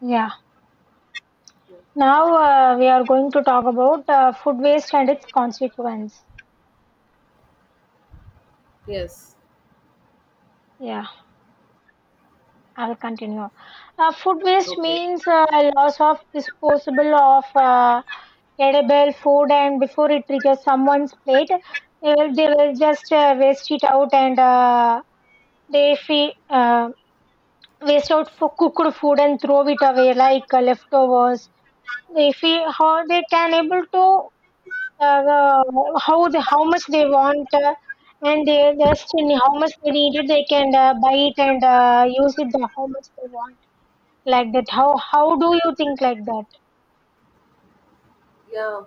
Yeah. Yeah, fine. Now we are going to talk about food waste and its consequence. Yes. Yeah, I'll continue. Food waste Okay. means loss of disposable of edible food, and before it reaches someone's plate, they will just waste it out and they fe- uh, waste out for cooked food and throw it away like leftovers. They feel how they can able to how the how much they want and their destiny, how much they need it, they can buy it and use it the how much they want like that. How do you think like that? Yeah.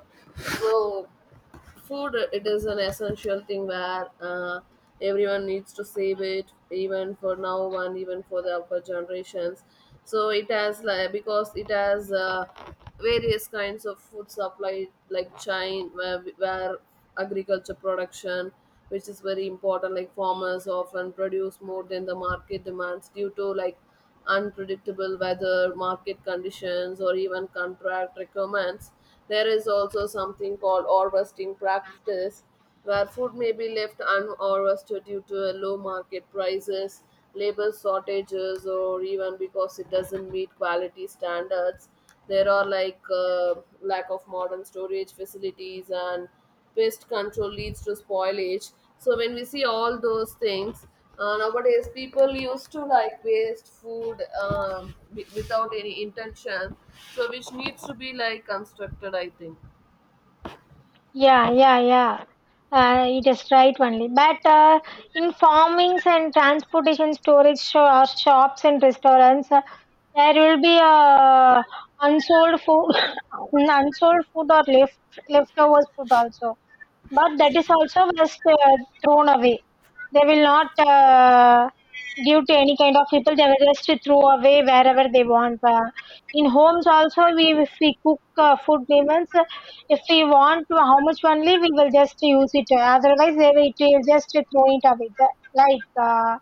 So food it is an essential thing where everyone needs to save it, even for now one, even for the upper generations. So it has like because it has various kinds of food supply like chain where agriculture production which is very important, like farmers often produce more than the market demands due to like unpredictable weather market conditions or even contract requirements. There is also something called harvesting practice where food may be left unharvested due to low market prices, labor shortages, or even because it doesn't meet quality standards. There are like lack of modern storage facilities and pest control leads to spoilage. So when we see all those things, nowadays people used to like waste food without any intention, so which needs to be like constructed, I think. Yeah, yeah, yeah. It is right only. But in farmings and transportation storage or shops and restaurants, there will be unsold food, unsold food or leftovers food also, but that is also just thrown away. They will not give to any kind of people. They will just throw away wherever they want. In homes also, we if we cook food, we means if we want to, how much only we will just use it. Otherwise, they will, it will just throw it away. Like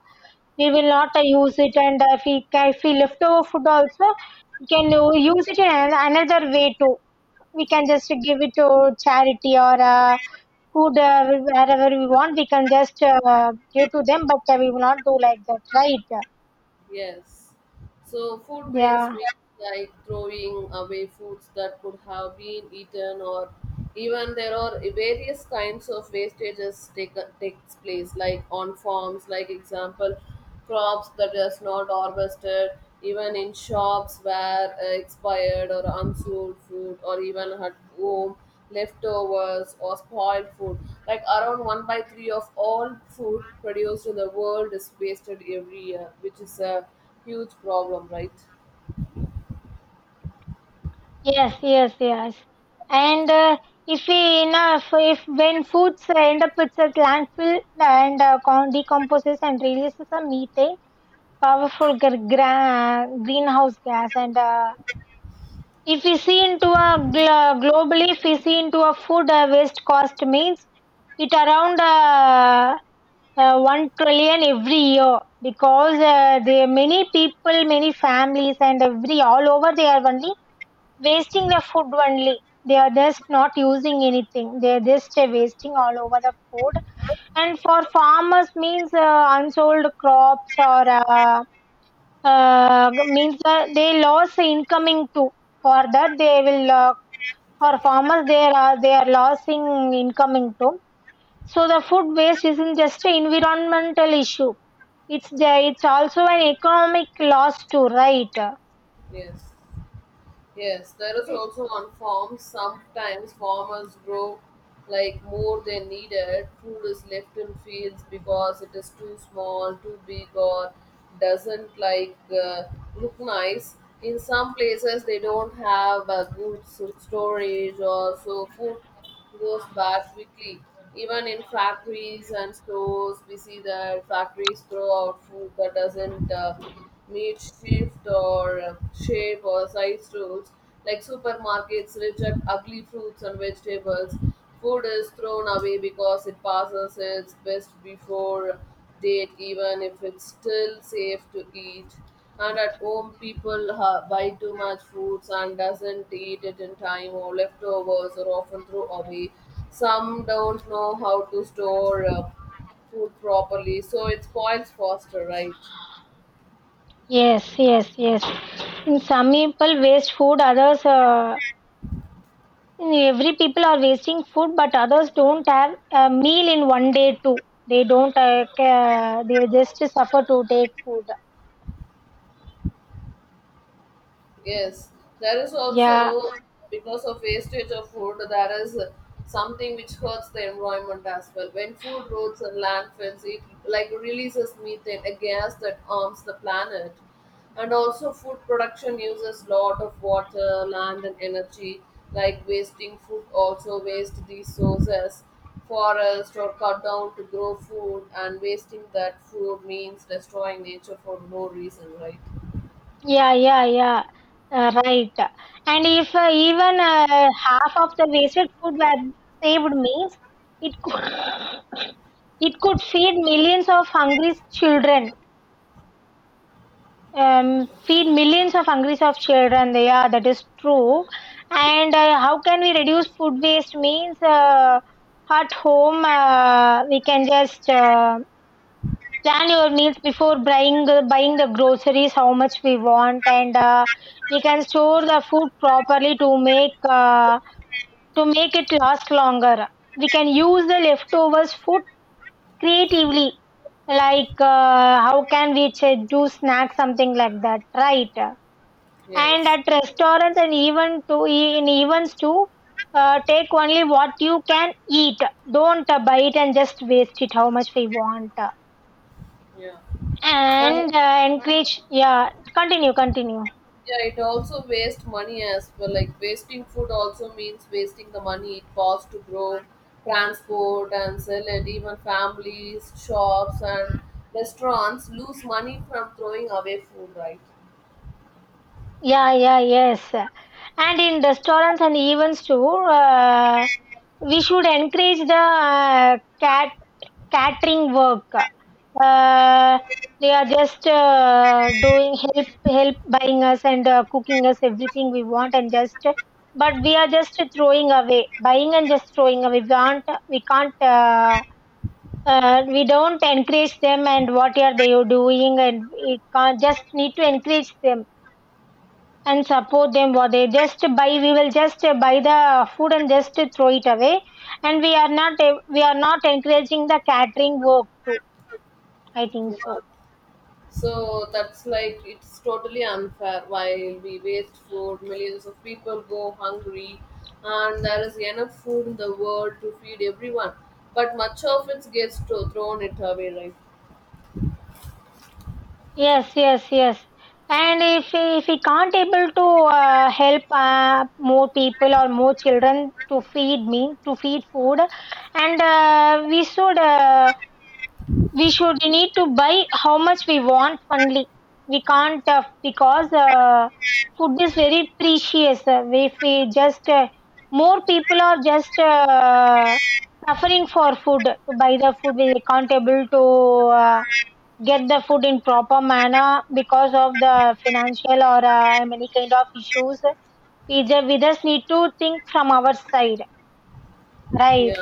we will not use it, and if if we leftover food also, we can use it in another way too. We can just give it to charity or. Food wherever we want, we can just give to them, but we will not do like that, right? Yes. So food waste Yeah, means like throwing away foods that could have been eaten, or even there are various kinds of wastages takes place like on farms, like example crops that is not harvested, even in shops where expired or unsold food, or even at home leftovers, or spoiled food. Like around 1 by 3 of all food produced in the world is wasted every year, which is a huge problem, right? yes, yes, yes. And if we enough if when foods end up with a landfill and decomposes and releases a methane, powerful greenhouse gas. And if we see into a globally, if we see into a food waste cost means it around 1 trillion every year, because there are many people, many families, and every all over they are only wasting the food only. They are just not using anything, they are just wasting all over the food. And for farmers means unsold crops or uh, means that they lost the incoming too. For that they will for farmers, they are losing incoming too. So the food waste isn't just an environmental issue. It's also an economic loss too, right? Yes. Yes, there is also on farms. Sometimes farmers grow like more than needed. Food is left in fields because it is too small, too big, or doesn't like look nice. In some places, they don't have a good storage, or so food goes bad quickly. Even in factories and stores, we see that factories throw out food that doesn't meet shift or shape or size rules. Like supermarkets reject ugly fruits and vegetables. Food is thrown away because it passes its best before date, even if it's still safe to eat. And at home, people buy too much foods and doesn't eat it in time, or leftovers are often thrown away. Some don't know how to store food properly, so it spoils faster, right? Yes, yes, yes. In some people waste food, others in every people are wasting food, but others don't have a meal in one day too. They don't they just suffer to take food. Yes, there is Yeah, also because of wastage of food, there is something which hurts the environment as well. When food roads and landfills, it like releases methane, a gas that harms the planet. And also, food production uses lot of water, land, and energy. Like wasting food, also waste these sources, forest or cut down to grow food, and wasting that food means destroying nature for no reason, right? yeah, yeah, yeah. Right. And if even half of the wasted food were saved means it could it could feed millions of hungry children. Feed millions of hungry of children. Yeah, that is true. And how can we reduce food waste means at home, we can just plan your meals before buying the groceries how much we want. And we can store the food properly to make it last longer. We can use the leftovers food creatively, like how can we ch- do snacks something like that, right? And Yes. at restaurants and even to in events too, take only what you can eat. Don't buy it and just waste it how much we want. Yeah. And And encourage, yeah, continue, continue. yeah, it also wastes money as well. Like wasting food also means wasting the money it costs to grow, transport and sell it. Even families, shops and restaurants lose money from throwing away food, right? Yeah, yeah, yes. And in restaurants and events too, we should encourage the catering work. They are just doing, help help buying us and cooking us everything we want, and just but we are just throwing away, buying and just throwing away. We can't we don't encourage them and what are they doing, and it can't just need to encourage them and support them. What they just buy, we will just buy the food and just throw it away. And we are not encouraging the catering work too, I think Yeah. so. So that's like it's totally unfair while we waste food, millions of people go hungry, and there is enough food in the world to feed everyone. But much of it gets to, thrown it away, right? Yes, yes, yes. And if we can't able to help more people or more children to feed me to feed food. And we should we should need to buy how much we want only. We can't because food is very precious. If we just more people are just suffering for food to buy the food, we can't able to uh, get the food in proper manner because of the financial or any kind of issues. We just need to think from our side, Yeah. right?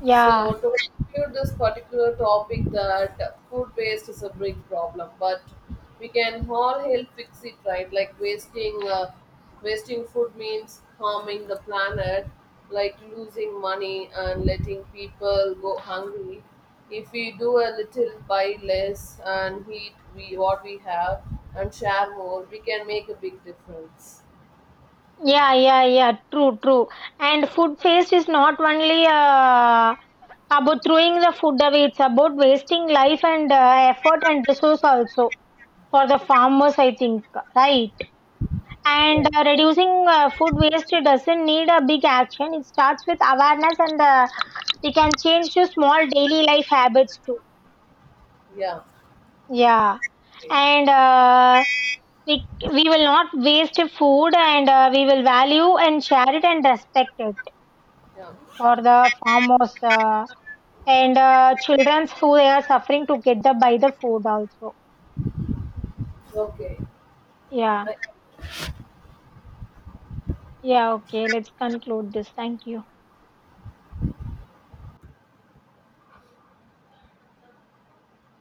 Yeah. So to conclude this particular topic that food waste is a big problem, but we can all help fix it, right? Like wasting food means harming the planet, like losing money and letting people go hungry. If we do a little, buy less, and eat we what we have and share more, we can make a big difference. Yeah, yeah, yeah. True, true. And food waste is not only about throwing the food away, it's about wasting life and effort and resource also, for the farmers, I think. Right. And Yeah, reducing food waste doesn't need a big action. It starts with awareness, and we can change to small daily life habits too. yeah, Yeah. okay. And we will not waste food, and we will value and share it and respect it. Yeah. Or the farmers and children's who they are suffering to get the by the food also. Okay. Yeah, I- yeah, okay, let's conclude this, thank you.